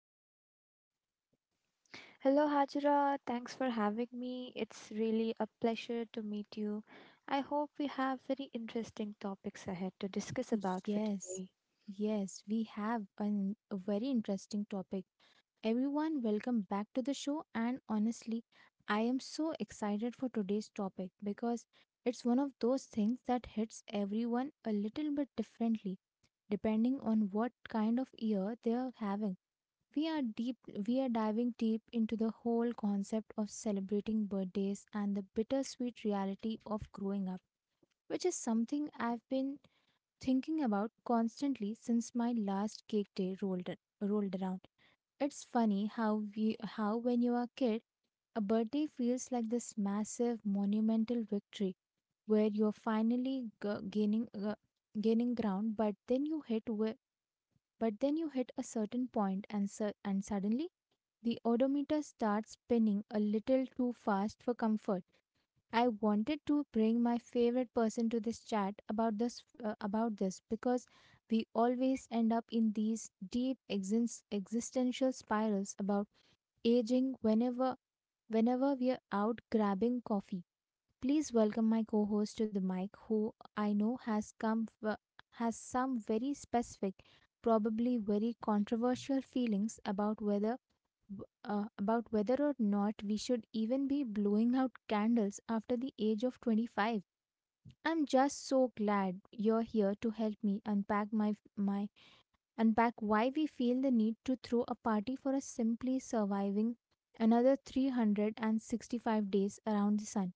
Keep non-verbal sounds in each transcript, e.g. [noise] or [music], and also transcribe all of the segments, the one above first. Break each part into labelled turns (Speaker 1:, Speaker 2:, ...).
Speaker 1: Welcome, Shaista.
Speaker 2: Hello, Hajra. Thanks for having me. It's really a pleasure to meet you. I hope we have very interesting topics ahead to discuss about for
Speaker 1: Yes,
Speaker 2: today.
Speaker 1: yes, we have a very interesting topic, everyone. Welcome back to the show. And honestly, I am so excited for today's topic because it's one of those things that hits everyone a little bit differently depending on what kind of year they are having. We are deep we are diving deep into the whole concept of celebrating birthdays and the bittersweet reality of growing up, which is something I've been thinking about constantly since my last cake day rolled around. It's funny how we how when you are a kid, a birthday feels like this massive monumental victory where you're finally gaining ground, but then you but then you hit a certain point and and suddenly the odometer starts spinning a little too fast for comfort. I wanted to bring my favorite person to this chat about this because we always end up in these deep existential spirals about aging whenever we are out grabbing coffee. Please welcome my co-host to the mic, who I know has some very specific, probably very controversial feelings about about whether or not we should even be blowing out candles after the age of 25. I'm just so glad you're here to help me unpack my my unpack why we feel the need to throw a party for us simply surviving another 365 days around the sun.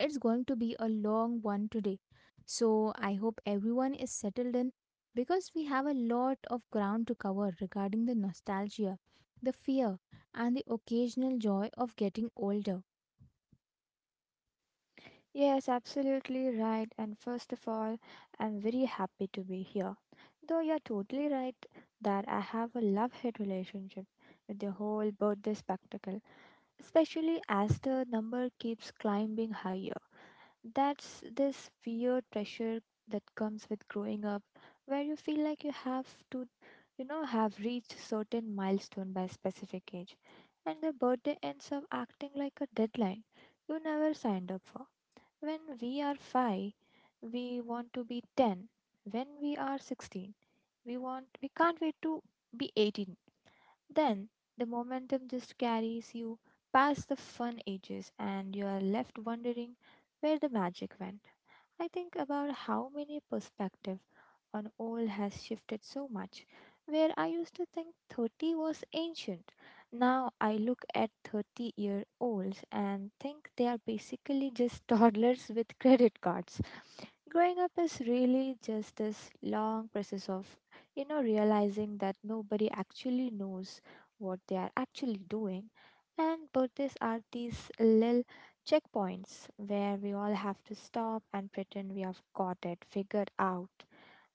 Speaker 1: It's going to be a long one today. So, I hope everyone is settled in because we have a lot of ground to cover regarding the nostalgia, the fear, and the occasional joy of getting older.
Speaker 2: Yes, absolutely right. And first of all, I'm very happy to be here. Though you're totally right that I have a love hate relationship with the whole birthday spectacle, especially as the number keeps climbing higher. That's this weird pressure that comes with growing up, where you feel like you have to, you know, have reached certain milestone by a specific age, and the birthday ends up acting like a deadline you never signed up for. When we are 5, we want to be 10. When we are 16, we can't wait to be 18. Then the momentum just carries you past the fun ages, and you are left wondering where the magic went. I think about how many perspective on old has shifted so much. Where I used to think 30 was ancient, now I look at 30-year-olds and think they are basically just [laughs] toddlers with credit cards. Growing up is really just this long process of, you know, realizing that nobody actually knows what they are actually doing. And birthdays are these little checkpoints where we all have to stop and pretend we have got it figured out.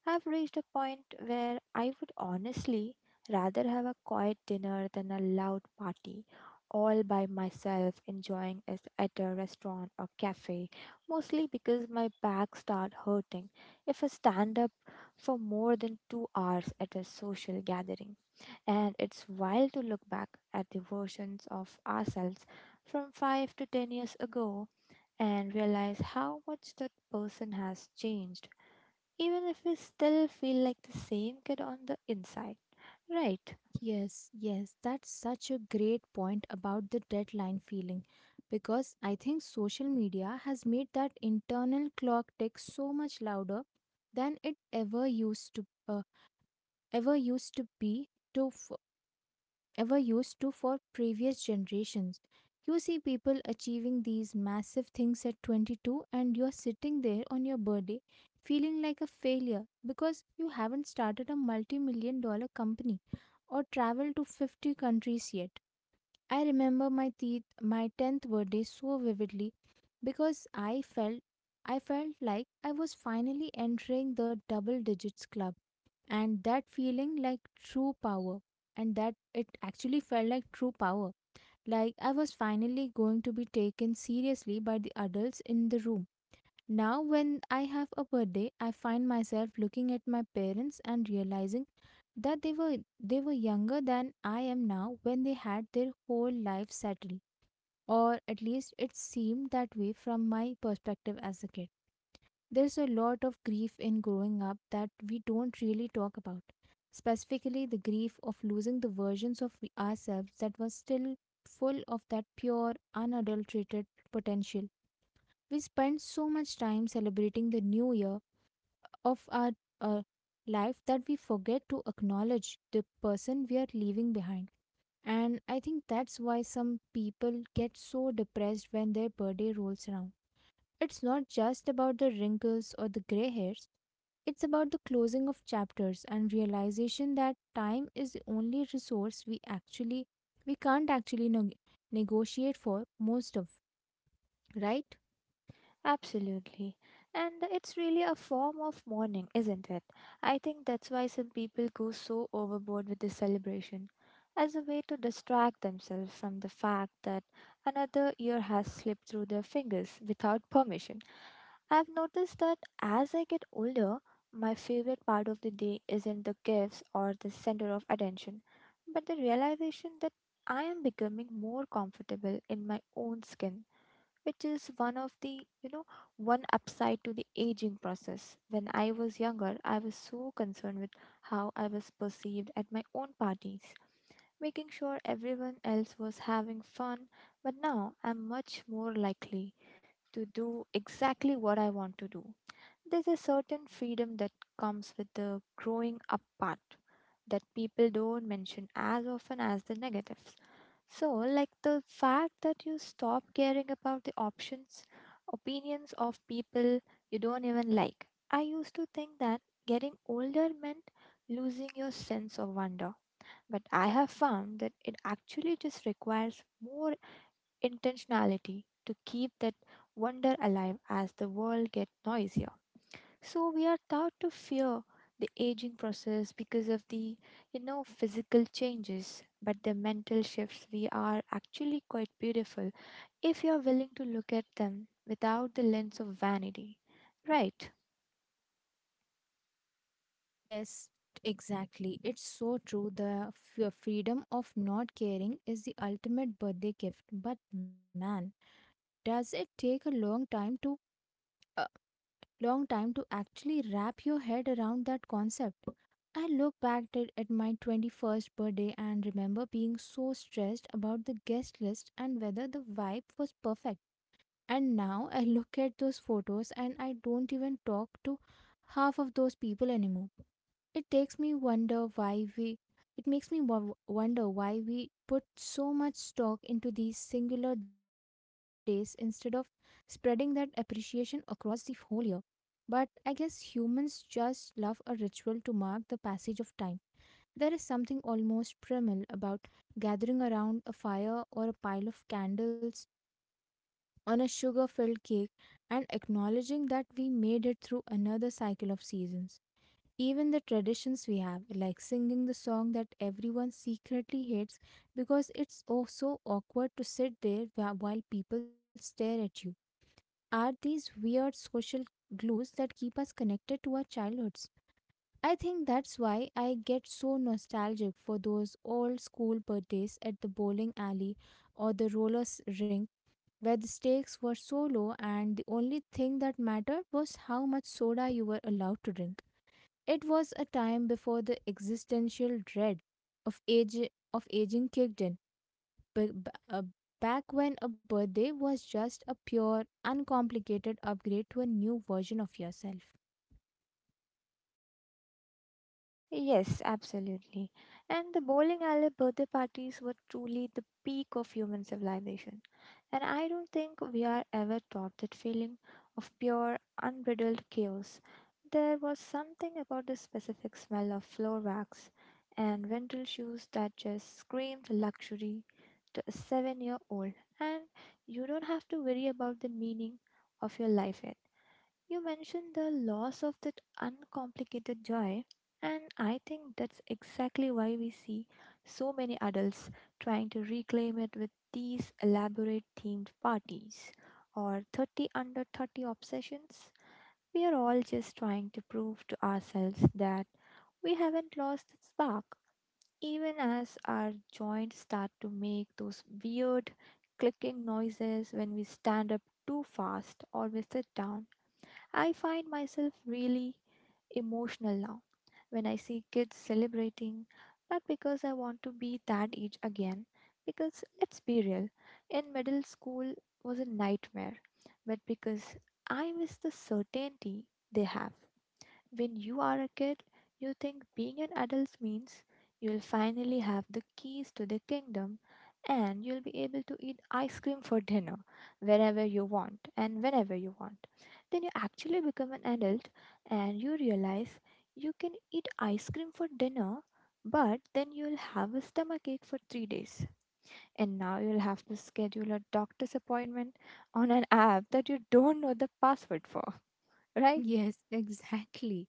Speaker 2: I've reached a point where I would honestly rather have a quiet dinner than a loud party, all by myself enjoying it at a restaurant or cafe, mostly because my back start hurting if I stand up for more than 2 hours at a social gathering. And it's wild to look back at the versions of ourselves from 5 to 10 years ago and realize how much that person has changed, even if we still feel like the same kid on the inside. Right,
Speaker 1: Yes, yes, that's such a great point about the deadline feeling, because I think social media has made that internal clock tick so much louder than it ever used to be to f- ever used to for previous generations. You see people achieving these massive things at 22, and you're sitting there on your birthday feeling like a failure because you haven't started a multi million dollar company or traveled to 50 countries yet. I remember my 10th birthday so vividly because I felt like I was finally entering the double digits club and that it actually felt like true power, like I was finally going to be taken seriously by the adults in the room. Now when I have a birthday, I find myself looking at my parents and realizing that they were younger than I am now when they had their whole life settled, or at least it seemed that way from my perspective as a kid. There's a lot of grief in growing up that we don't really talk about, specifically the grief of losing the versions of ourselves that was still full of that pure unadulterated potential. We spend so much time celebrating the new year of our uh, life that we forget to acknowledge the person we are leaving behind. And I think that's why some people get so depressed when their birthday rolls around. It's not just about the wrinkles or the gray hairs, it's about the closing of chapters and realization that time is the only resource we can't actually negotiate for most of, right?
Speaker 2: absolutely. And it's really a form of mourning, isn't it? I think that's why some people go so overboard with the celebration, as a way to distract themselves from the fact that another year has slipped through their fingers without permission. I've noticed that as I get older, my favorite part of the day isn't the gifts or the center of attention, but the realization that I am becoming more comfortable in my own skin, which is one of the, you know, one upside to the aging process. When I was younger, I was so concerned with how I was perceived at my own parties, making sure everyone else was having fun, but now I'm much more likely to do exactly what I want to do. There's a certain freedom that comes with the growing up part that people don't mention as often as the negatives. So, like the fact that you stop caring about the options, opinions of people you don't even like. I used to think that getting older meant losing your sense of wonder, but I have found that it actually just requires more intentionality to keep that wonder alive as the world gets noisier. So we are taught to fear the aging process because of the, you know, physical changes, but the mental shifts we are actually quite beautiful if you are willing to look at them without the lens of vanity. Right.
Speaker 1: Yes, exactly. It's so true. The freedom of not caring is the ultimate birthday gift. But man, does it take a uh, long time to actually wrap your head around that concept? I look at my 21st birthday and remember being so stressed about the guest list and whether the vibe was perfect. And now I look at those photos and I don't even talk to half of those people anymore. It takes me wonder why we it makes me wonder why we put so much stock into these singular days instead of spreading that appreciation across the whole year. But I guess humans just love a ritual to mark the passage of time. There is something almost primal about gathering around a fire or a pile of candles on a sugar filled cake and acknowledging that we made it through another cycle of seasons. Even the traditions we have, like singing the song that everyone secretly hates because it's oh so awkward to sit there while people stare at you, are these weird social glues that keep us connected to our childhoods. I think that's why I get so nostalgic for those old school birthdays at the bowling alley or the roller rink, where the stakes were so low and the only thing that mattered was how much soda you were allowed to drink. It was a time before the existential dread of age of aging kicked in. B- b- uh, Back when a birthday was just a pure, uncomplicated upgrade to a new version of yourself.
Speaker 2: Yes, absolutely. And the bowling alley birthday parties were truly the peak of human civilization. And I don't think we are ever taught that feeling of pure, unbridled chaos. There was something about the specific smell of floor wax and rental shoes that just screamed luxury to a 7-year old. And you don't have to worry about the meaning of your life yet. You mentioned the loss of that uncomplicated joy, and I think that's exactly why we see so many adults trying to reclaim it with these elaborate themed parties or 30 under 30 obsessions. We are all just trying to prove to ourselves that we haven't lost that spark, even as our joints start to make those weird clicking noises when we stand up too fast or we sit down. I find myself really emotional now when I see kids celebrating, not because I want to be that age again, because let's be real, in middle school was a nightmare, but because I miss the certainty they have. When you are a kid, you think being an adult means you'll finally have the keys to the kingdom and you'll be able to eat ice cream for dinner whenever you want and whenever you want. Then you actually become an adult and you realize you can eat ice cream for dinner, but then you'll have a stomachache for 3 days. And now you'll have to schedule a doctor's appointment on an app that you don't know the password for, [laughs] right?
Speaker 1: Yes, [laughs] exactly.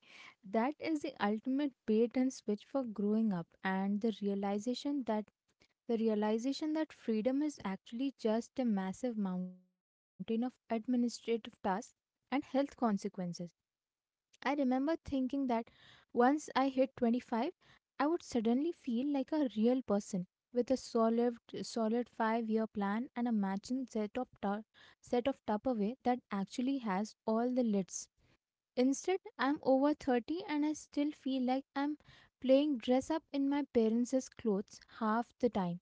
Speaker 1: That is the ultimate bait and switch for growing up and the realization that freedom is actually just a massive mountain of administrative tasks and health consequences. I remember thinking that once I hit 25, I would suddenly feel like a real person with a solid 5-year plan and a matching set of set of Tupperware that actually has all the lids. Instead, I'm over 30 and I still feel like I'm playing dress up in my parents' clothes half the time,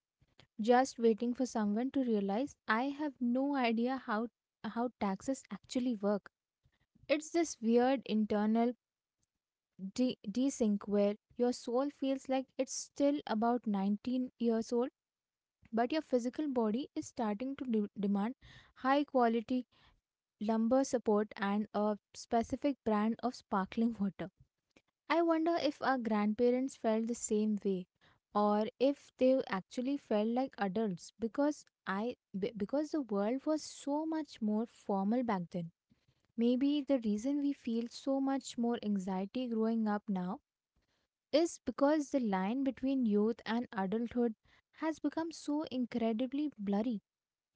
Speaker 1: just waiting for someone to realize I have no idea how taxes actually work. It's this weird internal desync where your soul feels like it's still about 19 years old, but your physical body is starting to demand high quality lumbar support and a specific brand of sparkling [laughs] water. I wonder if our grandparents felt the same way or if they actually felt like adults because because the world was so much more formal back then. Maybe the reason we feel so much more anxiety growing up now is because the line between youth and adulthood has become so incredibly blurry.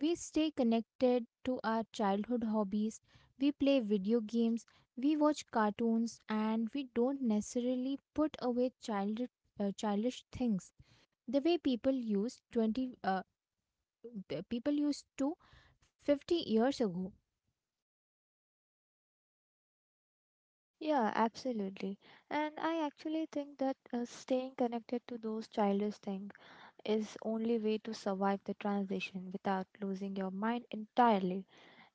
Speaker 1: We stay connected to our childhood hobbies, we play video games, we watch cartoons, and we don't necessarily put away childish things the way people used to 50 years ago.
Speaker 2: Yeah, absolutely. And I actually think that staying connected to those childish things is only way to survive the transition without losing your mind entirely.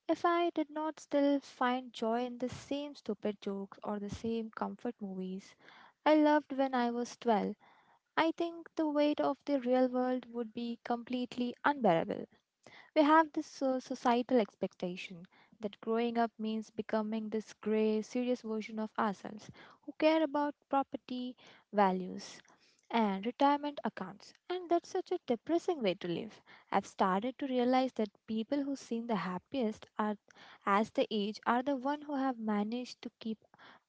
Speaker 2: If I did not still find joy in the same stupid jokes or the same comfort movies I loved when I was 12, I think the weight of the real world would be completely unbearable. We have this societal expectation that growing up means becoming this grey, serious version of ourselves who care about property, values, and retirement accounts. And that's such a depressing way to live. I've started to realize that people who seem the happiest are, as they age, are the one who have managed to keep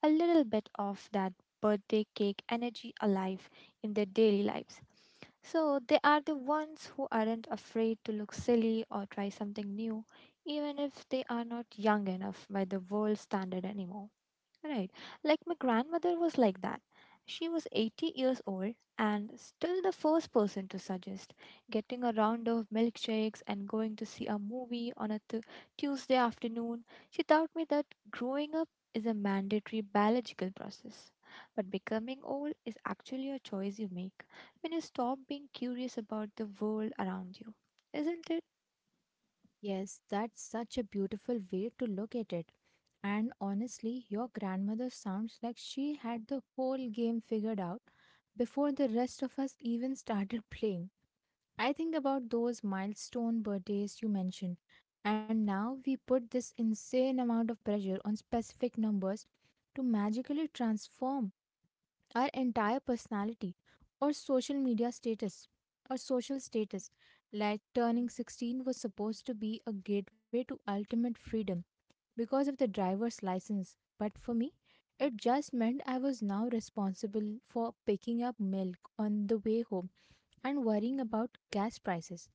Speaker 2: a little bit of that birthday cake energy alive in their daily lives. So they are the ones who aren't afraid to look silly or try something new, even if they are not young enough by the world standard anymore. Right. Like my grandmother was like that. She was 80 years old and still the first person to suggest getting a round of milkshakes and going to see a movie on a Tuesday afternoon. She taught me that growing up is a mandatory biological process, but becoming old is actually a choice you make when you stop being curious about the world around you. Isn't it?
Speaker 1: Yes, that's such a beautiful way to look at it. And honestly, your grandmother sounds like she had the whole game figured out before the rest of us even [laughs] started playing. I think about those milestone birthdays you mentioned, and now we put this insane amount of pressure on specific numbers to magically transform our entire personality or social status, like turning 16 was supposed to be a gateway to ultimate freedom because of the driver's license, but for me it just meant I was now responsible for picking up milk on the way home and worrying about gas prices.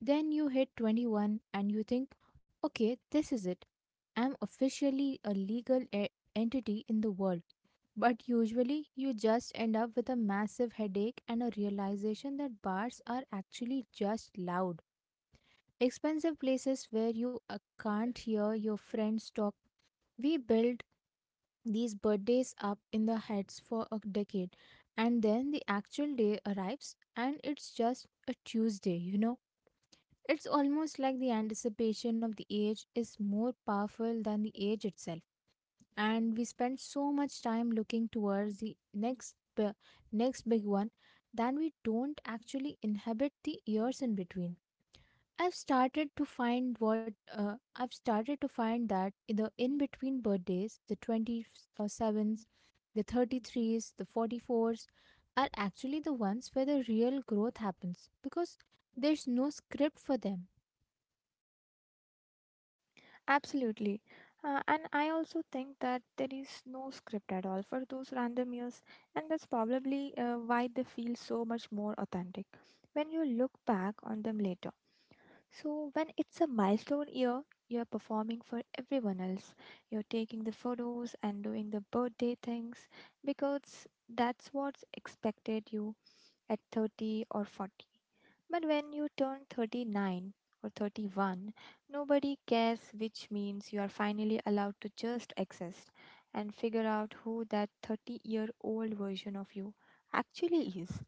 Speaker 1: Then you hit 21 and you think, okay, this is it, I'm officially a legal entity in the world. But usually, you just end up with a massive headache and a realization that bars are actually just loud. Expensive places where you can't hear your friends talk. We build these birthdays up in the heads for a decade, and then the actual day arrives, and it's just a Tuesday, you know? It's almost like the anticipation of the age is more powerful than the age itself, and we spend so much time looking towards the next big one that we don't actually inhabit the years in between. I've started to find that in the in between birthdays, the 27s, the 33s, the 44s are actually the ones where the real growth happens because there's no script for them.
Speaker 2: Absolutely. And I also think that there is no script at all for those random years, and that's probably why they feel so much more authentic when you look back on them later. So, when it's a milestone year, you're performing for everyone else, you're taking the photos and doing the birthday things because that's what's expected you at 30 or 40. But when you turn 39 or 31, nobody cares, which means you are finally allowed to just exist and figure out who that 30-year-old version of you actually is.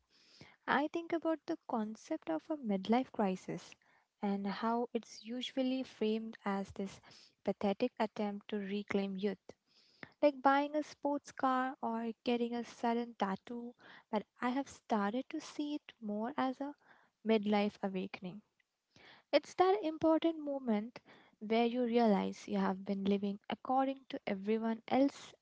Speaker 2: I think about the concept of a midlife crisis and how it's usually framed as this pathetic attempt to reclaim youth like buying a sports car or getting a sudden tattoo, but I have started to see it more as a midlife awakening. It's that important moment where you realize you have been living according to everyone else's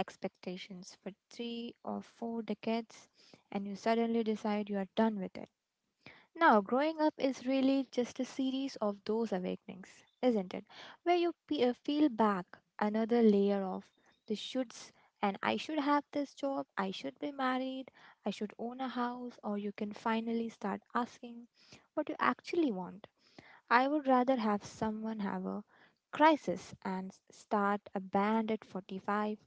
Speaker 2: expectations for 3 or 4 decades, and you suddenly decide you are done with it. Now, growing up is really just a series of those awakenings, isn't it? Where you feel back another layer of the shoulds, and I should have this job, I should be married, I should own a house, or you can finally start asking what you actually want. I would rather have someone have a crisis and start a band at 45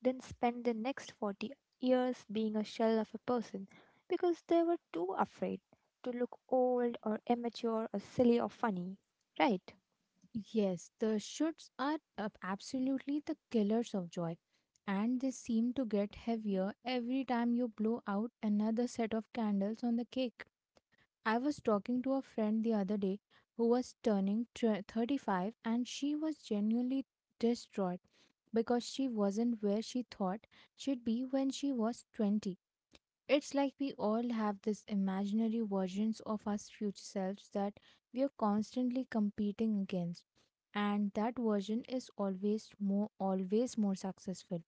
Speaker 2: then spent the next 40 years being a shell of a person because they were too afraid to look old or immature or silly or funny. Right?
Speaker 1: Yes, the shoots are absolutely the killers of joy, and they seem to get heavier every time you blow out another set of candles on the cake. I was talking to a friend the other day who was turning 35, and she was genuinely distraught because she wasn't where she thought she'd be when she was 20. It's like we all have these imaginary versions of our future selves that we are constantly competing against. And that version is always more successful,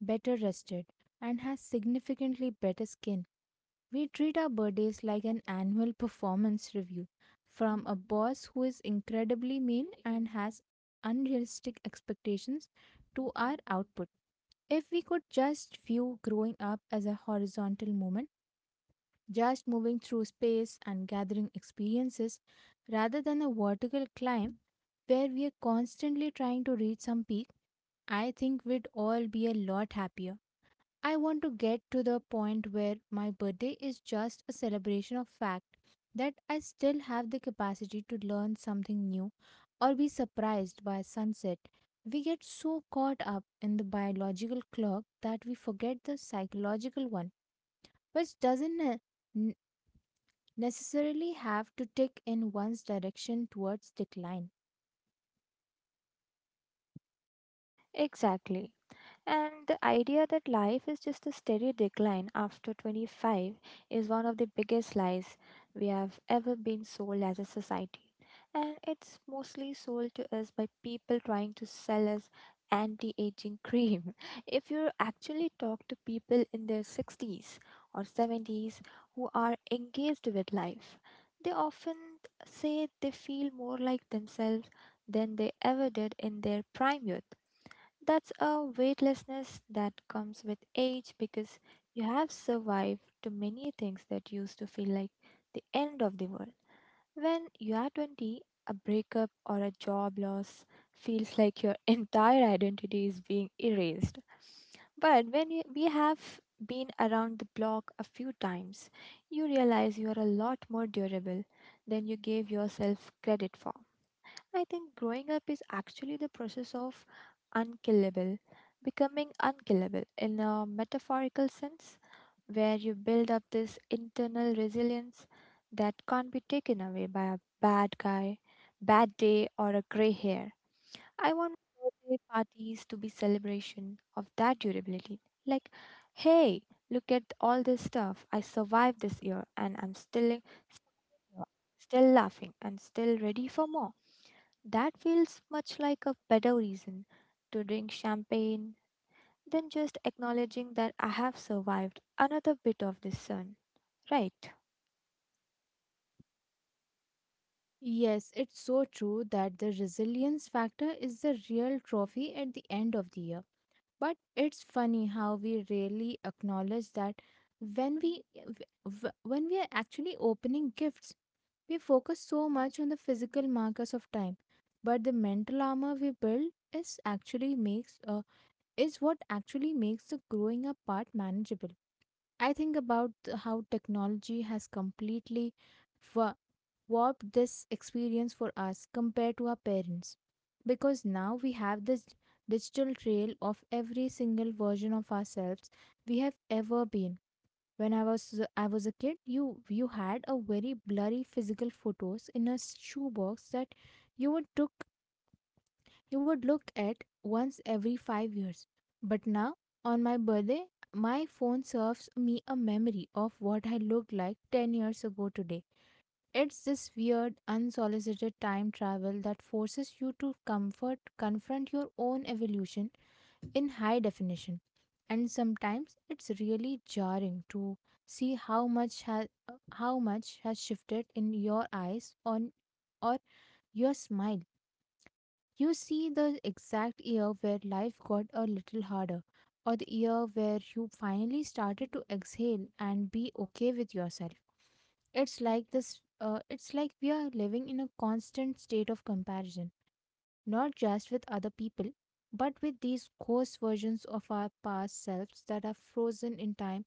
Speaker 1: better rested, and has significantly better skin. We treat our birthdays like an annual performance review from a boss who is incredibly mean and has unrealistic expectations to our output. If we could just view growing up as a horizontal moment, just moving through space and gathering experiences rather than a vertical climb where we are constantly trying to reach some peak, I think we'd all be a lot happier. I want to get to the point where my birthday is just a celebration of fact that I still have the capacity to learn something new or be surprised by sunset. We get so caught up in the biological clock that we forget the psychological one, which doesn't necessarily have to tick in one's direction towards decline.
Speaker 2: Exactly. And the idea that life is just a steady decline after 25 is one of the biggest lies we have ever been sold as a society. And it's mostly sold to us by people trying to sell us anti aging cream. [laughs] If you actually talk to people in their 60s or 70s who are engaged with life, they often say they feel more like themselves than they ever did in their prime youth. That's a weightlessness that comes with age because you have survived to many things that used to feel like the end of the world. When you are 20, a breakup or a job loss feels like your [laughs] entire identity is being erased. But when you, we have been around the block a few times, you realize you are a lot more durable than you gave yourself credit for. I think growing up is actually the process of unkillable, becoming unkillable in a metaphorical sense, where you build up this internal resilience that can't be taken away by a bad guy, bad day, or a gray hair. I want birthday parties to be celebration of that durability. Like, hey, look at all this stuff. I survived this year and I'm still laughing and still ready for more. That feels much like a better reason to drink champagne than just acknowledging that I have survived another bit of the sun, right?
Speaker 1: Yes, it's so true that the resilience factor is the real trophy at the end of the year. But it's funny how we rarely acknowledge that when we when we are actually opening gifts. We focus so much on the physical markers of time, but the mental armor we build is what actually makes the growing up part manageable. I think about how technology has completely wa- warped this experience for us compared to our parents. Because now we have this digital trail of every single version of ourselves we have ever been. When I was a kid, you had a very blurry physical photos in a shoebox that you would took you would look at once every 5 years. But now, on my birthday, my phone serves me a memory of what I looked like 10 years ago today. It's this weird, unsolicited time travel that forces you to confront your own evolution in high definition. And sometimes it's really jarring to see how much has shifted in your eyes on or your smile. You see the exact year where life got a little harder, or the year where you finally started to exhale and be okay with yourself. It's like this. It's like we are living in a constant state of comparison, not just with other people, but with these ghost versions of our past selves that are frozen in time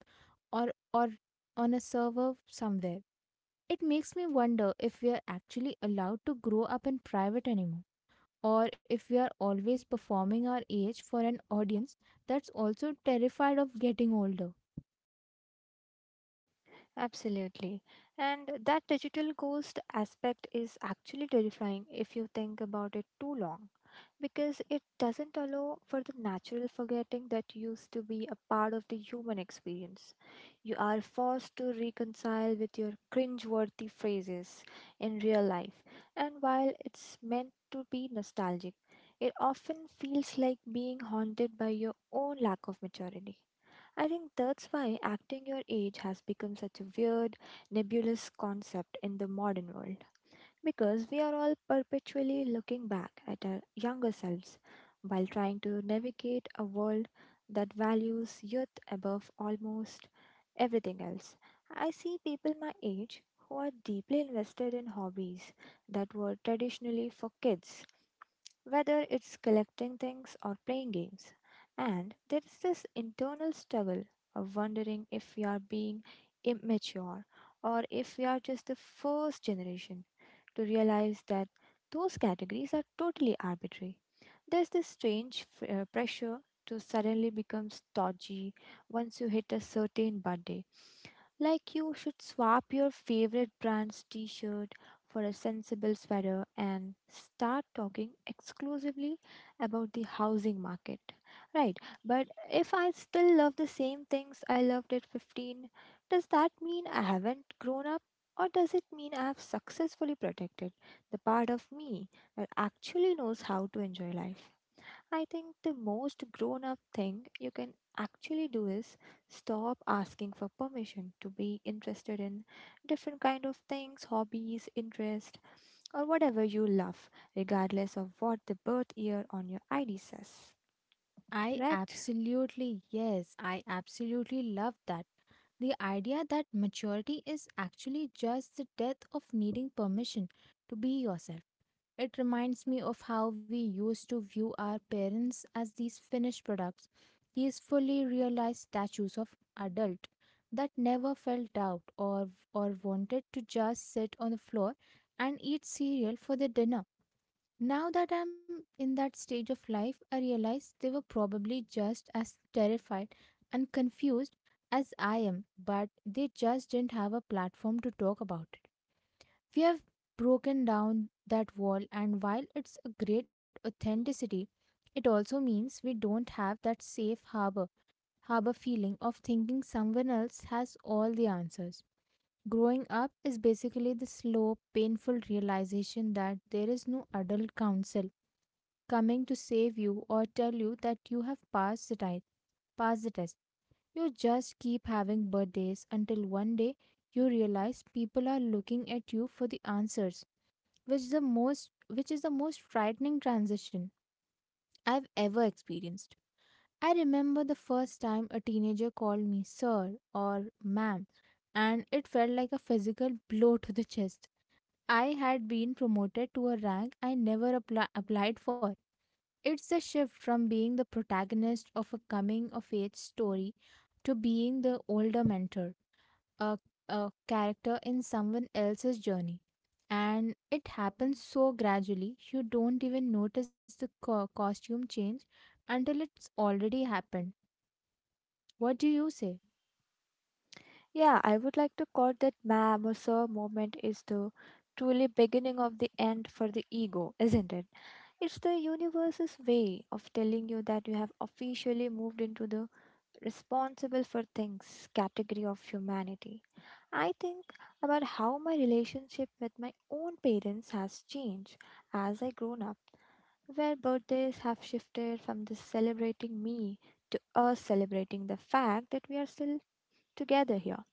Speaker 1: or or on a server somewhere. It makes me wonder if we are actually allowed to grow up in private anymore, or if we are always performing our age for an audience that's also terrified of getting older.
Speaker 2: Absolutely. And that digital ghost aspect is actually terrifying if you think about it too long, because it doesn't allow for the natural forgetting that used to be a part of the human experience. You are forced to reconcile with your cringe-worthy phrases in real life, and while it's meant to be nostalgic, it often feels like being haunted by your own lack of maturity. I think that's why acting your age has become such a weird, nebulous concept in the modern world. Because we are all perpetually looking back at our younger selves while trying to navigate a world that values youth above almost everything else. I see people my age who are deeply invested in hobbies that were traditionally for kids, whether it's collecting things or playing games. And there is this internal struggle of wondering if we are being immature, or if we are just the first generation to realize that those categories are totally arbitrary. There's this strange pressure to suddenly become stodgy once you hit a certain birthday, like you should swap your favorite brand's t-shirt for a sensible sweater and start talking exclusively about the housing market. Right, but if I still love the same things I loved at 15, does that mean I haven't grown up? Or does it mean I have successfully protected the part of me that actually knows how to enjoy life? I think the most grown up thing you can actually do is stop asking for permission to be interested in different kind of things, hobbies, interest, or whatever you love, regardless of what the birth year on your ID says. Correct?
Speaker 1: I absolutely love that. The idea that maturity is actually just the death of needing permission to be yourself. It reminds me of how we used to view our parents as these finished products, these fully realized statues of adult that never felt out or wanted to just sit on the floor and eat cereal for their dinner. Now that I'm in that stage of life, I realize they were probably just as terrified and confused as I am, but they just didn't have a platform to talk about it. We have broken down that wall, and while it's a great authenticity, it also means we don't have that harbor feeling of thinking someone else has all the answers. Growing up is basically the slow, painful realization that there is no adult counsel coming to save you or tell you that you have passed the test. Pass the test. You just keep having birthdays until one day you realize people are looking at you for the answers, which is the most which is the most frightening transition I've ever experienced. I remember the first time a teenager called me sir or ma'am, and it felt like a physical blow to the chest. I had been promoted to a rank I never applied for. It's a shift from being the protagonist of a coming of age story to being the older mentor, a, a character in someone else's journey. And it happens so gradually, you don't even notice the costume change until it's already happened. What do you say?
Speaker 2: Yeah, I would like to call that ma'am or sir moment is the truly beginning of the end for the ego, isn't it? It's the universe's way of telling you that you have officially moved into the responsible for things category of humanity. I think about how my relationship with my own parents has changed as I grown up, where birthdays have shifted from the celebrating me to us celebrating the fact that we are still together here.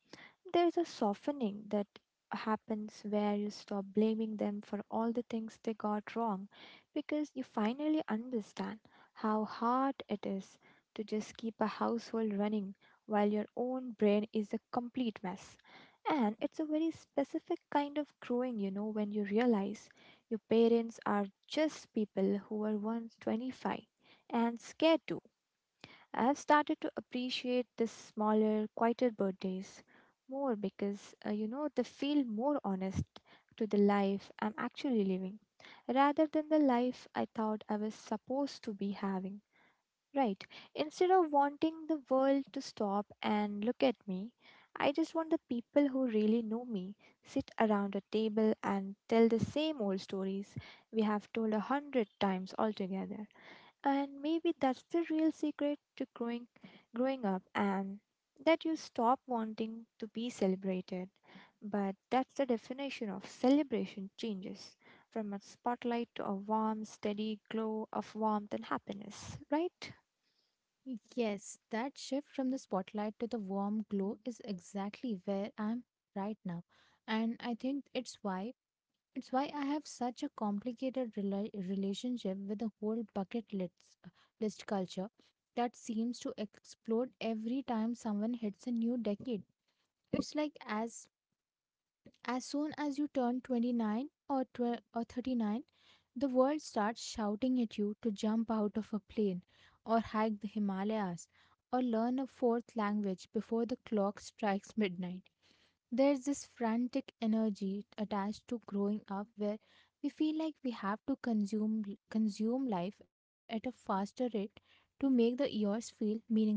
Speaker 2: There is a softening that happens where you stop blaming them for all the things they got wrong, because you finally understand how hard it is to just keep a household running while your own brain is a complete mess. And it's a very specific kind of growing, you know, when you realize your parents are just people who were once 25 and scared too. I have started to appreciate the smaller, quieter birthdays more because, you know, they feel more honest to the life I'm actually living rather than the life I thought I was supposed to be having. Right. Instead of wanting the world to stop and look at me, I just want the people who really know me sit around a table and tell the same old stories we have told a hundred times altogether. And maybe that's the real secret to growing up, and that you stop wanting to be celebrated. But that's the definition of celebration changes from a spotlight to a warm, steady glow of warmth and happiness, right?
Speaker 1: Yes, that shift from the spotlight to the warm glow is exactly where I'm right now. And I think it's why I have such a complicated relationship with the whole list culture that seems to explode every time someone hits a new decade. It's like as soon as you turn 29 or 12 or 39, the world starts shouting at you to jump out of a plane or hike the Himalayas or learn a fourth language before the clock strikes midnight. There's this frantic energy attached to growing up where we feel like we have to consume life at a faster rate to make the years feel meaningful.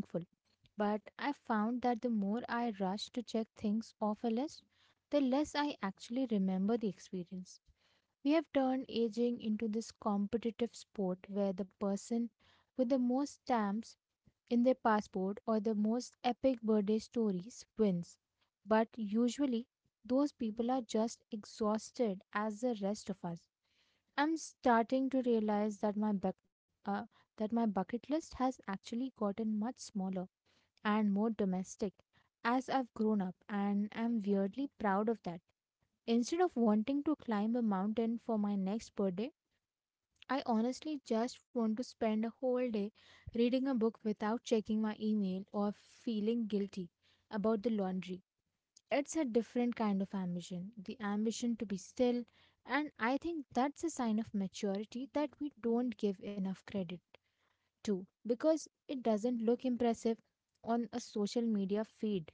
Speaker 1: But I found that the more I rush to check things off a list, the less I actually remember the experience. We have turned aging into this competitive sport where the person with the most stamps in their passport or the most epic birthday stories wins. But usually, those people are just exhausted as the rest of us. I'm starting to realize that my buck uh, that my bucket list has actually gotten much smaller and more domestic as I've grown up, and I'm weirdly proud of that. Instead of wanting to climb a mountain for my next birthday, I honestly just want to spend a whole day reading a book without checking my email or feeling guilty about the laundry. It's a different kind of ambition, the ambition to be still, and I think that's a sign of maturity that we don't give enough credit to because it doesn't look impressive on a social media feed.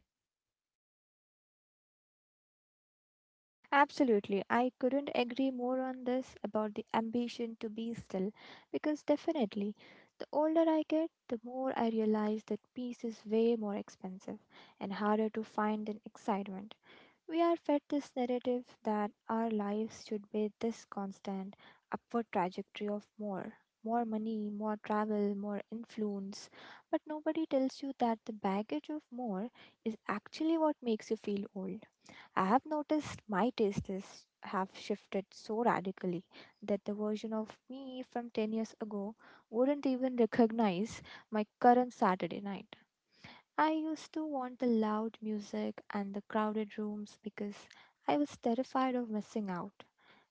Speaker 2: Absolutely. I couldn't agree more on this about the ambition to be still, because definitely the older I get, the more I realize that peace is way more expensive and harder to find than excitement. We are fed this narrative that our lives should be this constant upward trajectory of more, more money, more travel, more influence. But nobody tells you that the baggage of more is actually what makes you feel old. I have noticed my tastes have shifted so radically that the version of me from 10 years ago wouldn't even recognize my current Saturday night. I used to want the loud music and the crowded rooms because I was terrified of missing out.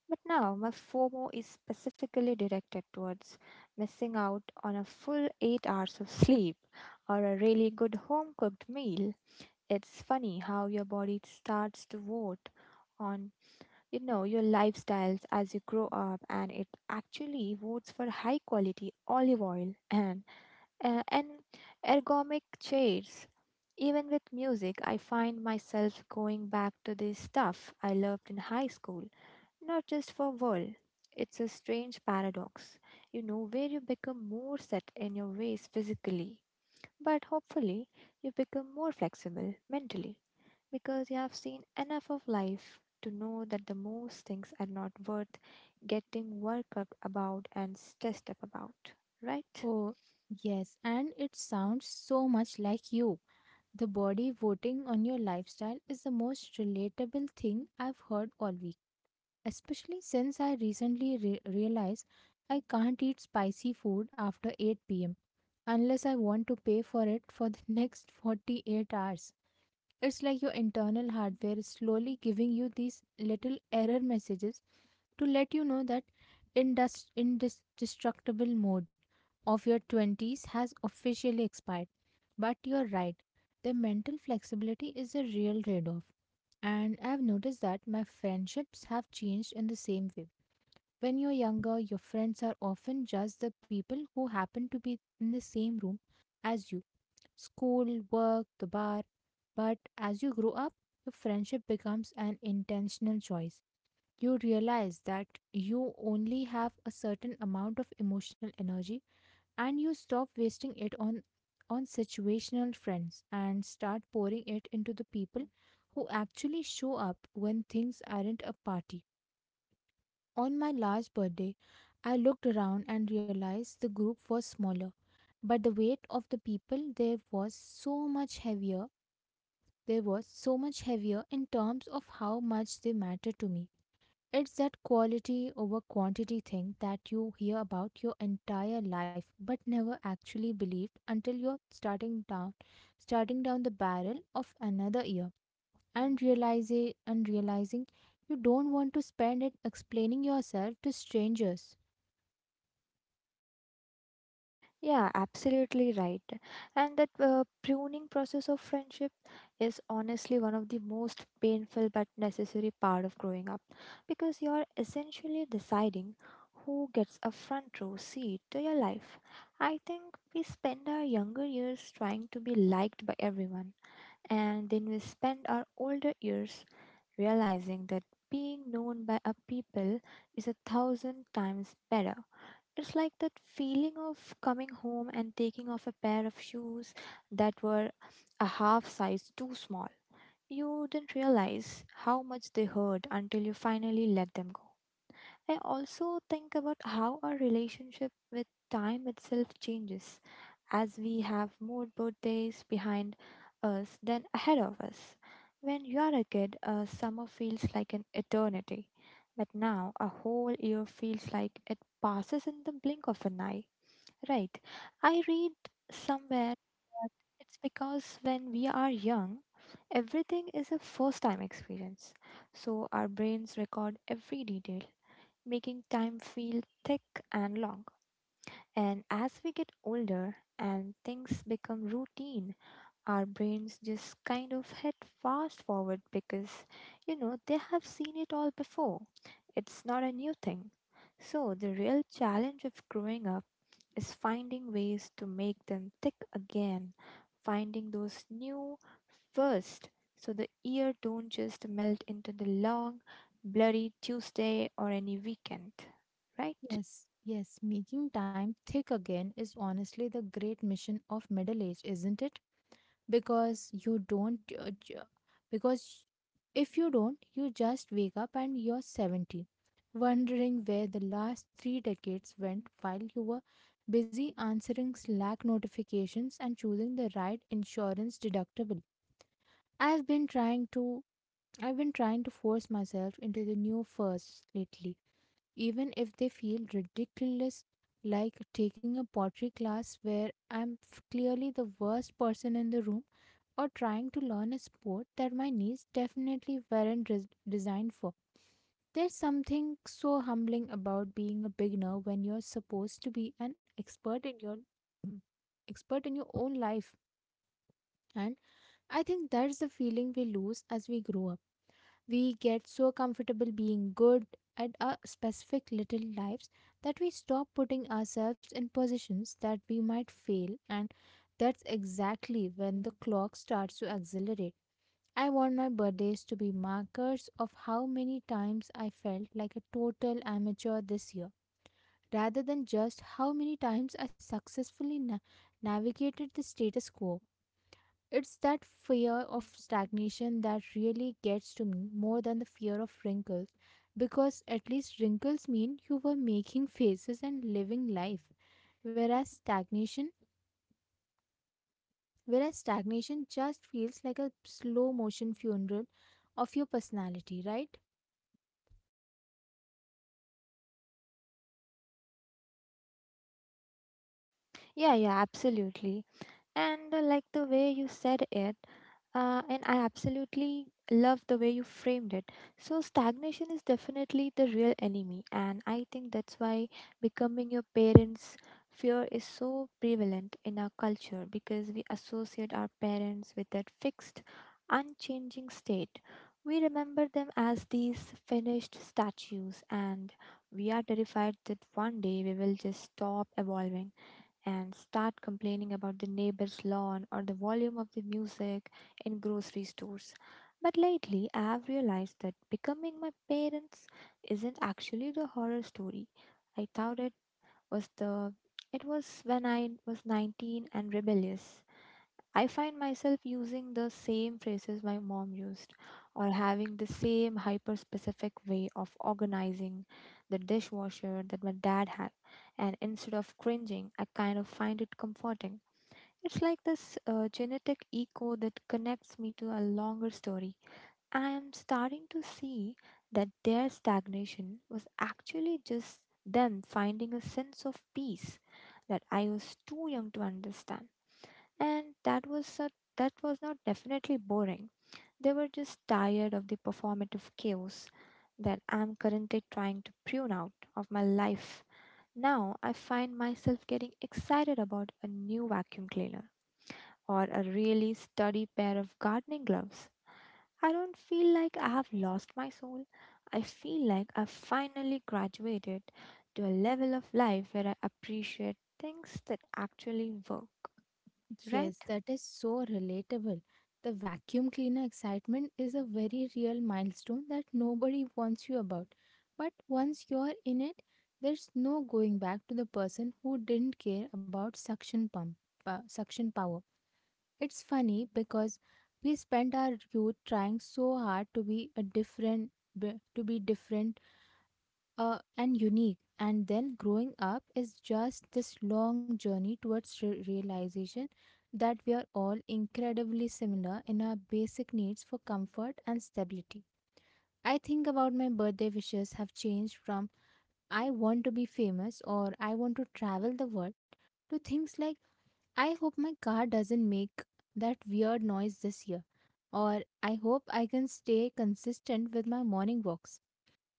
Speaker 2: But now my FOMO is specifically directed towards missing out on a full 8 hours of sleep or a really good home cooked meal. It's funny how your body starts to vote on, you know, your lifestyles as you grow up, and it actually votes for high quality olive oil [laughs] and and ergonomic chairs. Even with music, I find myself going back to the stuff I loved in high school, not just for world. It's a strange paradox, you know, where you become more set in your ways physically, but hopefully you become more flexible mentally because you have seen enough of life to know that the most things are not worth getting worked up about and stressed up about, right?
Speaker 1: Oh, yes, and it sounds so much like you. The body voting on your lifestyle is the most relatable thing I've heard all week, especially since I recently realized I can't eat spicy food after 8 p.m. unless I want to pay for it for the [laughs] next 48 hours. It's like your internal hardware is slowly giving you these little error messages to let you know that indestructible mode of your 20s has officially expired. But you're right, the mental flexibility is a real trade off. And I've noticed that my friendships have changed in the same way. When you're younger, your friends are often just the people who happen to be in the same room as you: school, work, the bar. But as you grow up, your friendship becomes an intentional choice. You realize that you only have a certain amount of emotional energy, and you stop wasting it on situational friends and start pouring it into the people who actually show up when things aren't a party. On my last birthday, I looked around and realized the group was smaller, but the weight of the people there was so much heavier. There was so much heavier in terms of how much they mattered to me. It's that quality over quantity thing that you hear about your entire life but never actually believed until you're starting down the barrel of another year and realizing you don't want to spend it explaining yourself to strangers.
Speaker 2: Yeah, absolutely right. And that pruning process of friendship is honestly one of the most painful but necessary part of growing up, because you're essentially deciding who gets a front row seat to your life. I think we spend our younger years trying to be liked by everyone, and then we spend our older years realizing that being known by a people is a thousand times better. It's like that feeling of coming home and taking off a pair of shoes that were a half size too small. You didn't realize how much they hurt until you finally let them go. I also think about how our relationship with time itself changes as we have more birthdays behind us than ahead of us. When you are a kid, a summer feels like an eternity, but now a whole year feels like it passes in the blink of an eye. Right. I read somewhere that it's because when we are young, everything is a first time experience. So our brains record every detail, making time feel thick and long. And as we get older and things become routine, our brains just kind of hit fast forward because, you know, they have seen it all before. It's not a new thing. So, the real challenge of growing up is finding ways to make them thick again, finding those new first so the year don't just melt into the long, bloody Tuesday or any weekend, right?
Speaker 1: Yes, yes, making time thick again is honestly the great mission of middle age, isn't it? Because because if you don't, you just wake up and you're 70 wondering where the last 3 decades went while you were busy answering slack notifications and choosing the right insurance deductible. i've been trying to I've been trying to force myself into the new firsts lately, even if they feel ridiculous, like taking a pottery class where I'm clearly the worst person in the room, or trying to learn a sport that my knees definitely weren't res- designed for. There's something so humbling about being a beginner when you're supposed to be an expert in your own life. And I think that's the feeling we lose as we grow up. We get so comfortable being good at our specific little lives that we stop putting ourselves in positions that we might fail, and that's exactly when the clock starts to accelerate. I want my birthdays to be markers of how many times I felt like a total amateur this year, rather than just how many times I successfully navigated the status quo. It's that fear of stagnation that really gets to me more than the fear of wrinkles, because at least wrinkles mean you were making faces and living life, whereas stagnation just feels like a slow motion funeral of your personality, right?
Speaker 2: Yeah, yeah, absolutely. And like the way you said it, and I absolutely love the way you framed it. So, stagnation is definitely the real enemy, and I think that's why becoming your parents' fear is so prevalent in our culture, because we associate our parents with that fixed, unchanging state. We remember them as these finished statues, and we are terrified that one day we will just stop evolving and start complaining about the neighbor's lawn or the volume of the music in grocery stores. But lately, I have realized that becoming my parents isn't actually the horror story I thought it was the. It was when I was 19 and rebellious. I find myself using the same phrases my mom used, or having the same hyper specific way of organizing the dishwasher that my dad had. And instead of cringing, I kind of find it comforting. It's like this genetic echo that connects me to a longer story. I am starting to see that their stagnation was actually just them finding a sense of peace that I was too young to understand, and that was a, that was not definitely boring. They were just tired of the performative chaos that I'm currently trying to prune out of my life. Now I find myself getting excited about a new vacuum cleaner or a really sturdy pair of gardening gloves. I don't feel like I have lost my soul. I feel like I've finally graduated to a level of life where I appreciate things that actually work,
Speaker 1: Yes,
Speaker 2: right?
Speaker 1: that is so relatable. The vacuum cleaner excitement is a very real milestone that nobody warns you about. But once you're in it, there's no going back to the person who didn't care about suction power. It's funny because we spend our youth trying so hard to be a different, be- to be different and unique. And then growing up is just this long journey towards realization that we are all incredibly similar in our basic needs for comfort and stability. I think about my birthday wishes have changed from I want to be famous or I want to travel the world to things like I hope my car doesn't make that weird noise this year or I hope I can stay consistent with my morning walks.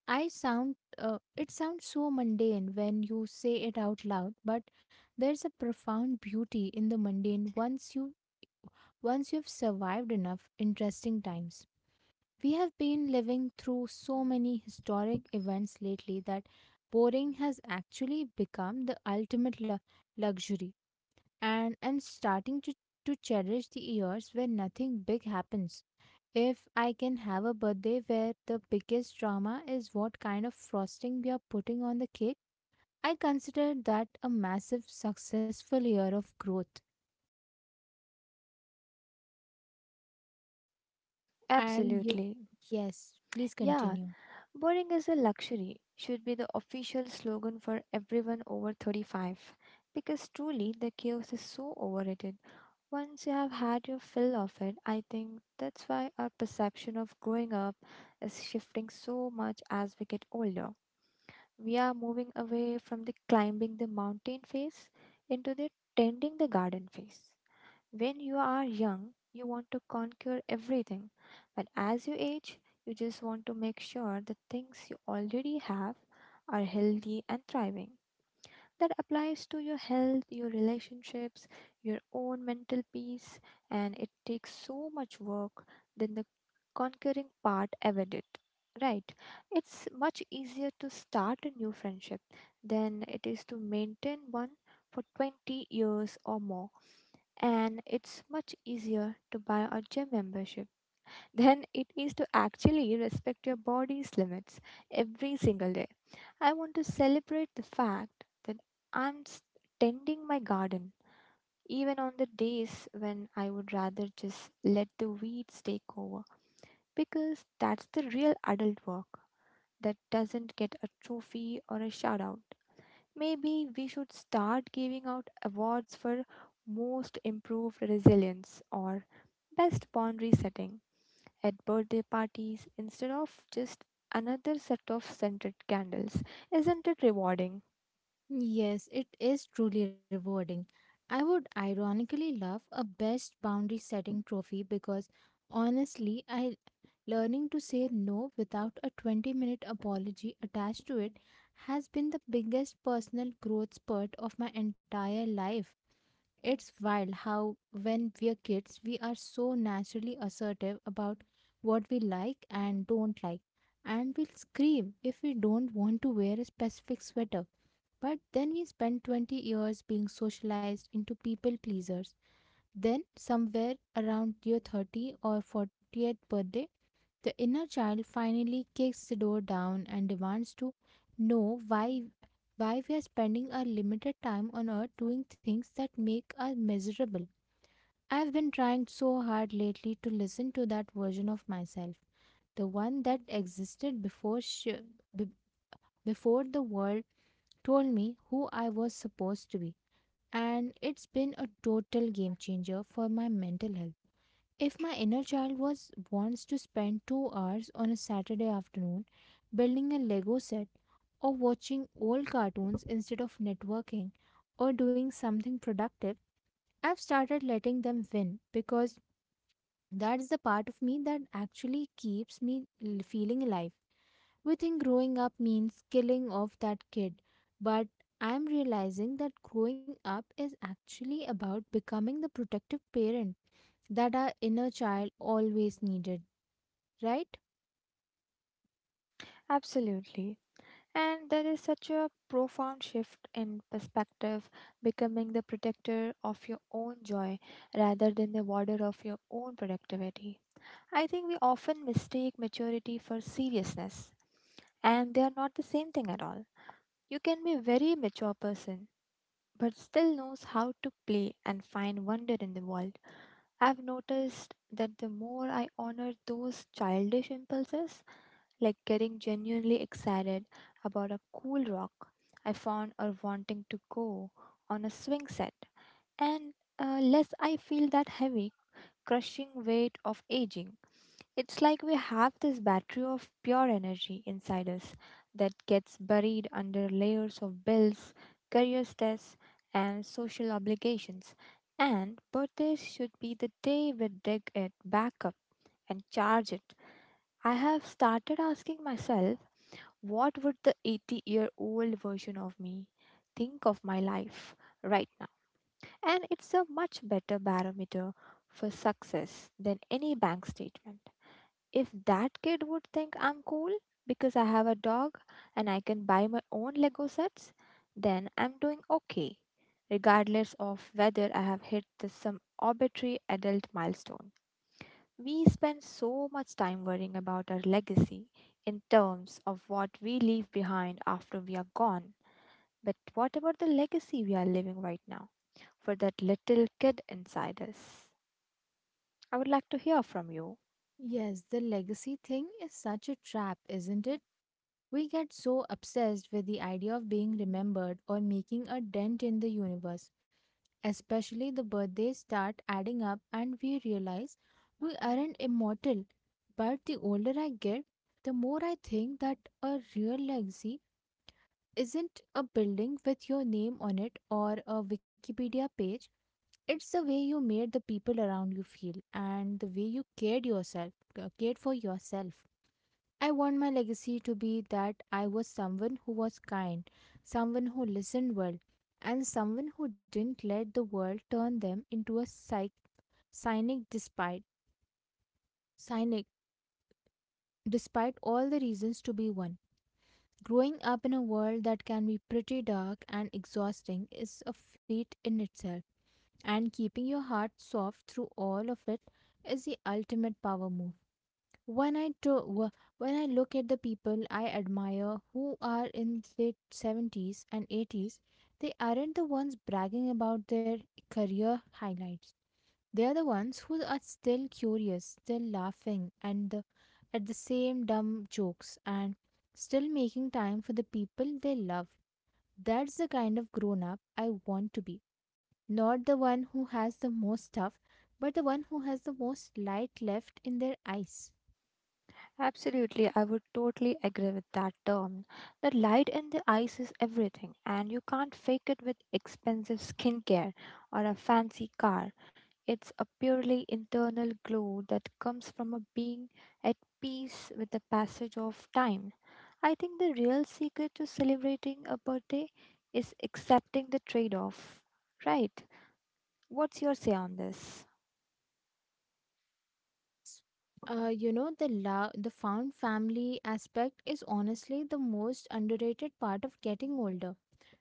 Speaker 1: It sounds so mundane when you say it out loud, but there's a profound beauty in the mundane once you've survived enough interesting times. We have been living through so many historic events lately that boring has actually become the ultimate luxury, and I'm starting to cherish the years where nothing big happens. If I can have a birthday where the biggest drama is what kind of frosting we are putting on the cake, I consider that a massive successful year of growth. And y-
Speaker 2: Absolutely.
Speaker 1: yes, please
Speaker 2: Yeah,
Speaker 1: continue.
Speaker 2: boring is a luxury should be the official slogan for everyone over 35, because truly the chaos is so overrated. Once you have had your fill of it, I think that's why our perception of growing up is shifting so much as we get older. We are moving away from the climbing the mountain phase into the tending the garden phase. When you are young, you want to conquer everything, but as you age, you just want to make sure the things you already have are healthy and thriving. That applies to your health, your relationships, your own mental peace, and it takes so much work than the conquering part ever did. Right, it's much easier to start a new friendship than it is to maintain one for 20 years or more, and it's much easier to buy a gym membership [laughs] than it is to actually respect your body's limits every single day. I want to celebrate the fact that I'm s- tending my garden even on the days when I would rather just let the weeds take over, because that's the real adult work that doesn't get a trophy or a shout out. Maybe we should start giving out awards for most improved resilience or best boundary setting at birthday parties instead of just another set of scented candles. Isn't it rewarding?
Speaker 1: Yes, it is truly rewarding. I would ironically love a best boundary setting trophy because honestly, I learning to say no without a 20-minute apology attached to it has been the biggest personal growth spurt of my entire life. It's wild how when we are kids, we are so naturally assertive about what we like and don't like, and we'll scream if we don't want to wear a specific sweater, but then we spend 20 years being socialized into people pleasers. Then, somewhere around your 30 or 40th birthday, the inner child finally kicks the door down and demands to know why we are spending our limited time on earth doing things that make us miserable. I've been trying so hard lately to listen to that version of myself, the one that existed b- before the world told me who I was supposed to be, and it's been a total game changer for my mental health. If my inner child was wants to spend 2 hours on a Saturday afternoon building a Lego set or watching old cartoons instead of networking or doing something productive, I've started letting them win because that's the part of me that actually keeps me feeling alive. We think growing up means killing off that kid, but I'm realizing that growing up is actually about becoming the protective parent that our inner child always needed, right?
Speaker 2: Absolutely. And there is such a profound shift in perspective, becoming the protector of your own joy rather than the warder of your own productivity. I think we often mistake maturity for seriousness, and they are not the same thing at all. You can be a very mature person but still knows how to play and find wonder in the world. I've noticed that the more I honor those childish impulses, like getting genuinely excited about a cool rock I found or wanting to go on a swing set, and less I feel that heavy, crushing weight of aging. It's like we have this battery of pure energy inside us that gets buried under layers of bills, career stress, and social obligations. And birthdays should be the day we dig it back up and charge it. I have started asking myself, what would the 80-year-old version of me think of my life right now? And it's a much better barometer for success than any bank statement. If that kid would think I'm cool because I have a dog and I can buy my own Lego sets, then I'm doing okay, regardless of whether I have hit some arbitrary adult milestone. We spend so much time worrying about our legacy in terms of what we leave behind after we are gone. But what about the legacy we are living right now for that little kid inside us? I would like to hear from you.
Speaker 1: Yes, the legacy thing is such a trap, isn't it? We get so obsessed with the idea of being remembered or making a dent in the universe. Especially the birthdays start adding up, and we realize we aren't immortal. But the older I get, the more I think that a real legacy isn't a building with your name on it or a Wikipedia page. It's the way you made the people around you feel and the way you cared for yourself. I want my legacy to be that I was someone who was kind, someone who listened well, and someone who didn't let the world turn them into a psych, cynic despite cynic despite all the reasons to be one. Growing up in a world that can be pretty dark and exhausting is a feat in itself, and keeping your heart soft through all of it is the ultimate power move. When I look at the people I admire who are in late 70s and 80s, they aren't the ones bragging about their career highlights. They are the ones who are still curious, still laughing at the same dumb jokes, and still making time for the people they love. That's the kind of grown up I want to be. Not the one who has the most stuff, but the one who has the most light left in their eyes.
Speaker 2: Absolutely, I would totally agree with that term. The light in the eyes is everything, and you can't fake it with expensive skincare or a fancy car. It's a purely internal glow that comes from a being at peace with the passage of time. I think the real secret to celebrating a birthday is accepting the trade off, right? What's your say on this?
Speaker 1: Yes. The love, the found family aspect is honestly the most underrated part of getting older.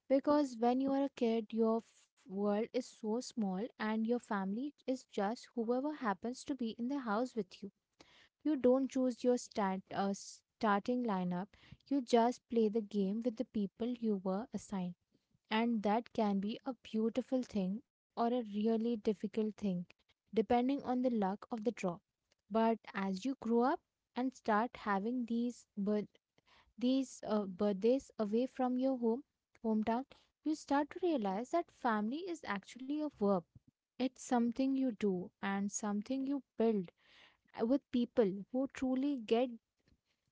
Speaker 1: Because when you are a kid, your world is so small and your family is just whoever happens to be in the house with you. You don't choose your starting lineup, you just play the game with the people you were assigned. And that can be a beautiful thing or a really difficult thing, depending on the luck of the draw. But as you grow up and start having these birthdays away from your hometown, you start to realize that family is actually a verb. It's something you do and something you build with people who truly get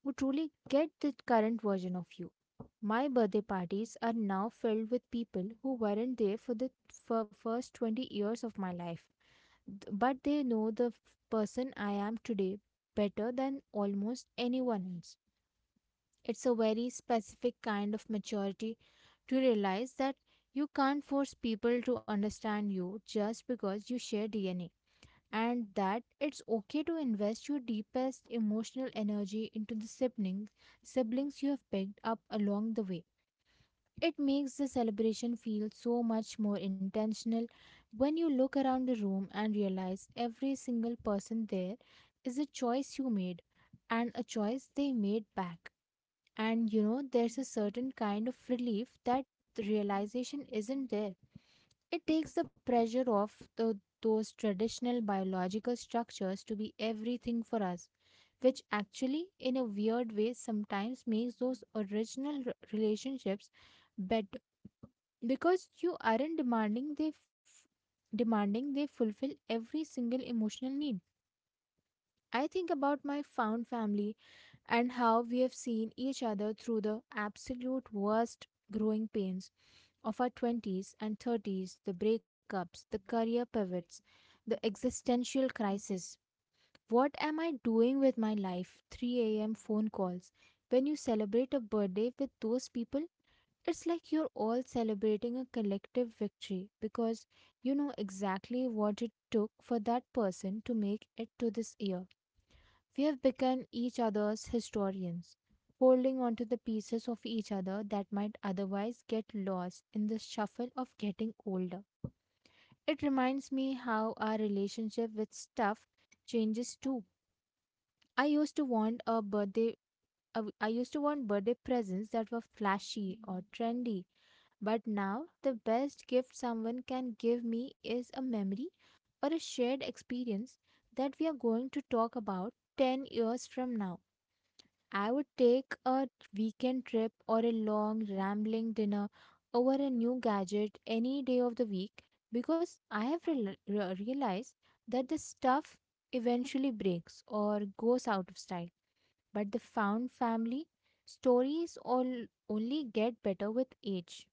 Speaker 1: who truly get the current version of you. My birthday parties are now filled with people who weren't there for the first 20 years of my life, but they know the person I am today better than almost anyone else. It's a very specific kind of maturity to realize that you can't force people to understand you just because you share DNA, and that it's okay to invest your deepest emotional energy into the siblings you have picked up along the way. It makes the celebration feel so much more intentional when you look around the room and realize every single person there is a choice you made and a choice they made back. And you know, there's a certain kind of relief that the realization isn't there. It takes the pressure off those traditional biological structures to be everything for us, which actually, in a weird way, sometimes makes those original relationships better because you aren't demanding they fulfill every single emotional need. I think about my found family and how we have seen each other through the absolute worst growing pains of our 20s and 30s, the breakups, the career pivots, the existential crisis, what am I doing with my life 3 a.m phone calls. When you celebrate a birthday with those people, it's like you're all celebrating a collective victory because you know exactly what it took for that person to make it to this year. We have become each other's historians, holding onto the pieces of each other that might otherwise get lost in the shuffle of getting older. It reminds me how our relationship with stuff changes too. I used to want a birthday I w- I used to want birthday presents that were flashy or trendy, but now, the best gift someone can give me is a memory or a shared experience that we are going to talk about 10 years from now. I would take a weekend trip or a long rambling dinner over a new gadget any day of the week because I have realized that the stuff eventually breaks or goes out of style. But the found family stories all only get better with age.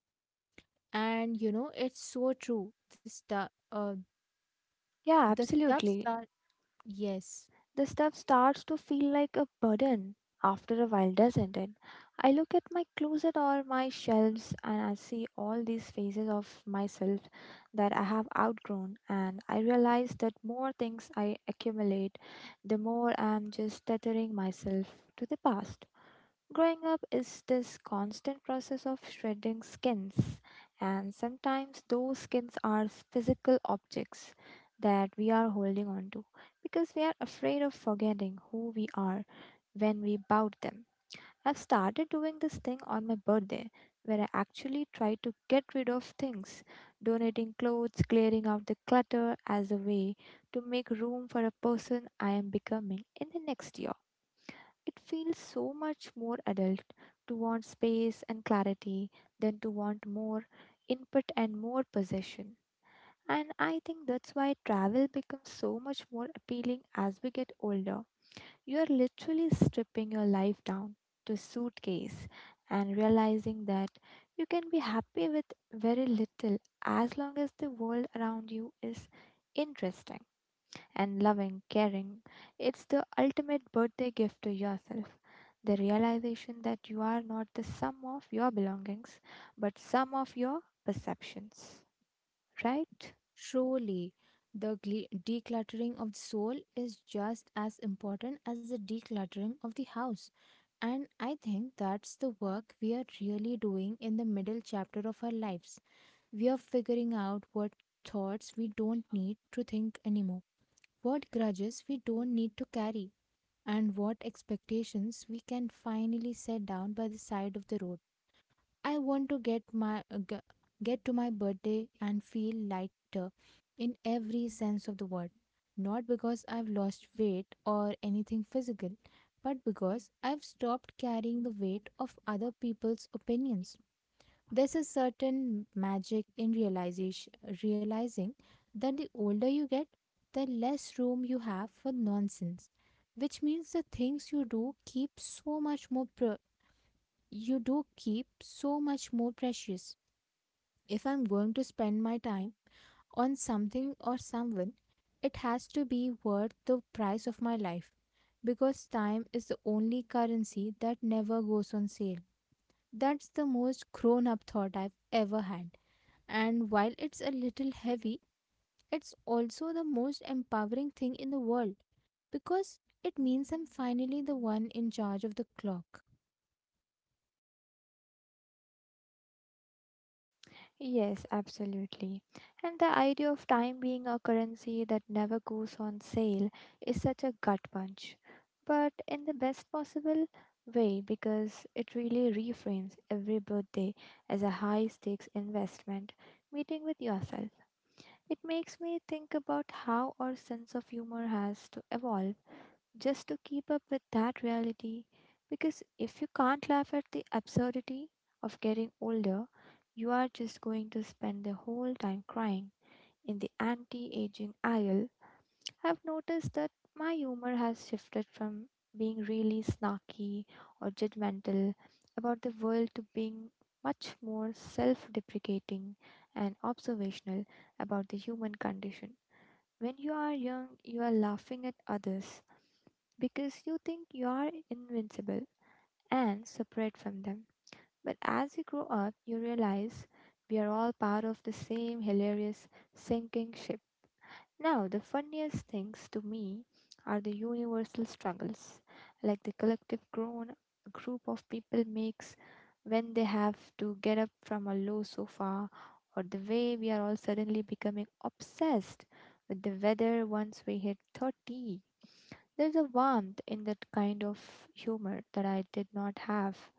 Speaker 1: And you know, it's so true. The stuff
Speaker 2: Yeah,
Speaker 1: the stuff
Speaker 2: absolutely.
Speaker 1: start yes
Speaker 2: The stuff starts to feel like a burden after a while, doesn't it? I look at my closet or my shelves and I see all these phases of myself that I have outgrown, and I realize that more things I accumulate, the more I'm just tethering myself to the past. Growing up is this constant process of shredding skins, and sometimes those skins are physical objects that we are holding on to because we are afraid of forgetting who we are when we bought them. I've started doing this thing on my birthday where I actually try to get rid of things, donating clothes, clearing out the clutter as a way to make room for a person I am becoming in the next year. It feels so much more adult to want space and clarity than to want more input and more possession. And I think that's why travel becomes so much more appealing as we get older. You are literally stripping your life down to a suitcase and realizing that you can be happy with very little as long as the world around you is interesting and loving, caring. It's the ultimate birthday gift to yourself. The realization that you are not the sum of your belongings, but sum of your perceptions. Right?
Speaker 1: surely the gle- decluttering of the soul is just as important as the decluttering of the house, and I think that's the work we are really doing in the middle chapter of our lives. We are figuring out what thoughts we don't need to think anymore, what grudges we don't need to carry, and what expectations we can finally set down by the side of the road. I want to get to my birthday and feel lighter in every sense of the word. Not because I've lost weight or anything physical, but because I've stopped carrying the weight of other people's opinions. There's a certain magic in realizing that the older you get, the less room you have for nonsense, which means the things you do keep so much more precious. If I'm going to spend my time on something or someone, it has to be worth the price of my life because time is the only currency that never goes on sale. That's the most grown up thought I've ever had. And while it's a little heavy, it's also the most empowering thing in the world because it means I'm finally the one in charge of the clock.
Speaker 2: Yes, absolutely. And the idea of time being a currency that never goes on sale is such a gut punch, but in the best possible way, because it really reframes every birthday as a high stakes investment meeting with yourself. It makes me think about how our sense of humor has to evolve just to keep up with that reality. Because if you can't laugh at the absurdity of getting older, you are just going to spend the whole time crying. In the anti aging aisle, I've noticed that my humor has shifted from being really snarky or judgmental about the world to being much more self deprecating and observational about the human condition. When you are young, you are laughing at others because you think you are invincible and separate from them. But as you grow up, you realize we are all part of the same hilarious sinking ship. Now, the funniest things to me are the universal struggles, like the collective groan a group of people makes when they have to get up from a low sofa, or the way we are all suddenly becoming obsessed with the weather once we hit 30. There's a warmth in that kind of humor that I did not have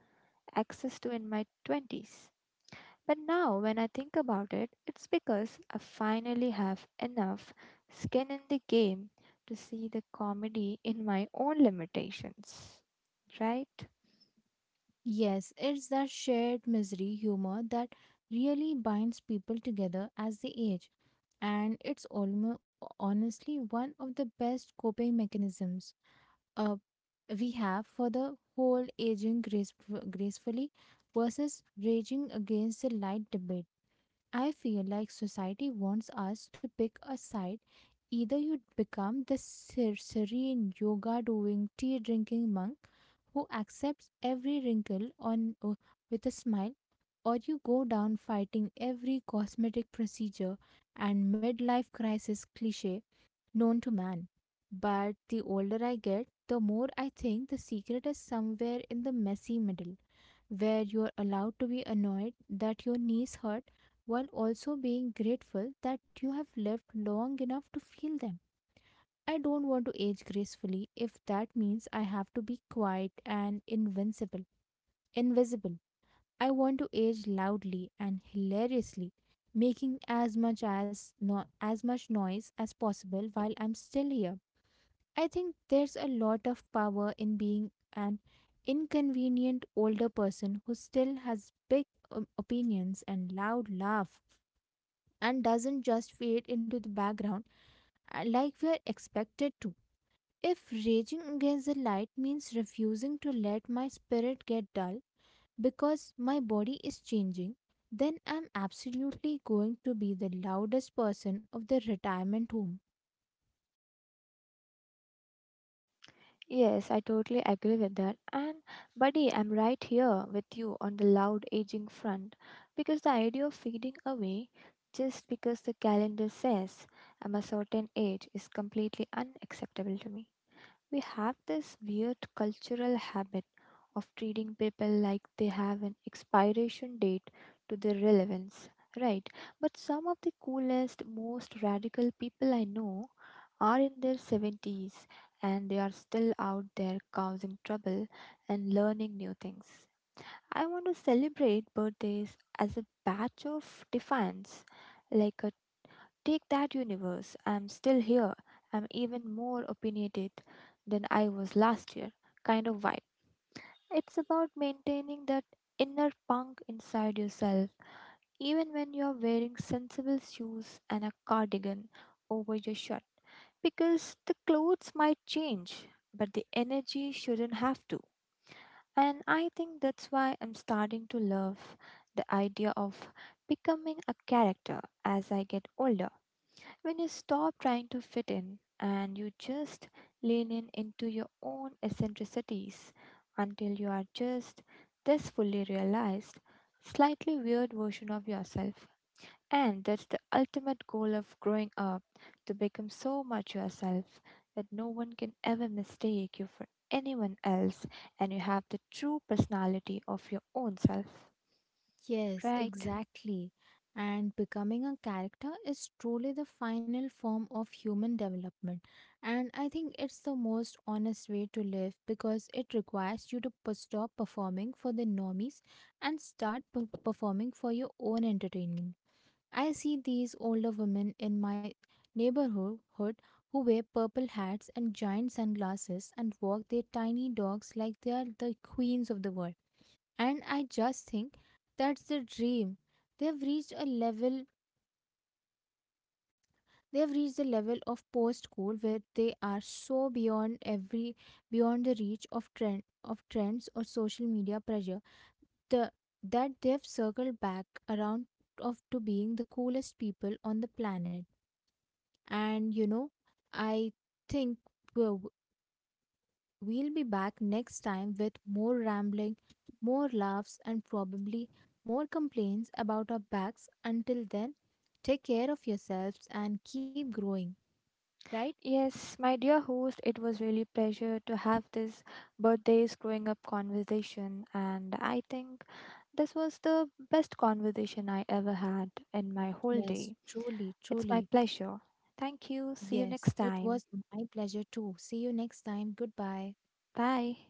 Speaker 2: access to in my 20s. But now, when I think about it, it's because I finally have enough skin in the game to see the comedy in my own limitations. Right?
Speaker 1: Yes, it's that shared misery humor that really binds people together as they age, and it's almost honestly one of the best coping mechanisms uh, we have for the whole gracefully versus raging against the light debate. I feel like society wants us to pick a side. Either you become the serene yoga doing tea drinking monk who accepts every wrinkle on with a smile, or you go down fighting every cosmetic procedure and midlife crisis cliche known to man. But the older I get, the more I think the secret is somewhere in the messy middle, where you're allowed to be annoyed that your knees hurt while also being grateful that you have lived long enough to feel them. I don't want to age gracefully if that means I have to be quiet and invincible. Invisible. I want to age loudly and hilariously, making as much as no, as much noise as possible while I'm still here. I think there's a lot of power in being an inconvenient older person who still has big opinions and loud laugh and doesn't just fade into the background like we are expected to. If raging against the light means refusing to let my spirit get dull because my body is changing, then I'm absolutely going to be the loudest person of the retirement home.
Speaker 2: Yes, I totally agree with that. And, buddy, I'm right here with you on the loud aging front, because the idea of fading away just because the calendar says I'm a certain age is completely unacceptable to me. We have this weird cultural habit of treating people like they have an expiration date to their relevance, right? But some of the coolest, most radical people I know are in their 70s, and they are still out there causing trouble and learning new things. I want to celebrate birthdays as a batch of defiance, like a "Take that, universe. I'm still here. I'm even more opinionated than I was last year," kind of vibe. It's about maintaining that inner punk inside yourself, even when you're wearing sensible shoes and a cardigan over your shirt. Because the clothes might change, but the energy shouldn't have to. And I think that's why I'm starting to love the idea of becoming a character as I get older, when you stop trying to fit in and you just lean in into your own eccentricities until you are just this fully realized, slightly weird version of yourself. And that's the ultimate goal of growing up: to become so much yourself that no one can ever mistake you for anyone else, and you have the true personality of your own self.
Speaker 1: Yes,
Speaker 2: Right?
Speaker 1: exactly. And becoming a character is truly the final form of human development. And I think it's the most honest way to live because it requires you to stop performing for the normies and start performing for your own entertainment. I see these older women in my neighborhood hood who wear purple hats and giant sunglasses and walk their tiny dogs like they are the queens of the world. And I just think that's the dream. They've reached a level they've reached the level of post school where they are so beyond the reach of trends or social media pressure, the, that they've circled back around of to being the coolest people on the planet. And you know, I think we'll, we'll be back next time with more rambling, more laughs, and probably more complaints about our backs. Until then, take care of yourselves and keep growing, right?
Speaker 2: Yes, my dear host, it was really pleasure to have this birthdays growing up conversation, and I think this was the best conversation I ever had in my whole
Speaker 1: Yes,
Speaker 2: day.
Speaker 1: truly,
Speaker 2: It's my
Speaker 1: truly.
Speaker 2: pleasure. Thank you. See you
Speaker 1: Yes,
Speaker 2: next
Speaker 1: it was
Speaker 2: time.
Speaker 1: my pleasure too. See you next time. Goodbye.
Speaker 2: Bye.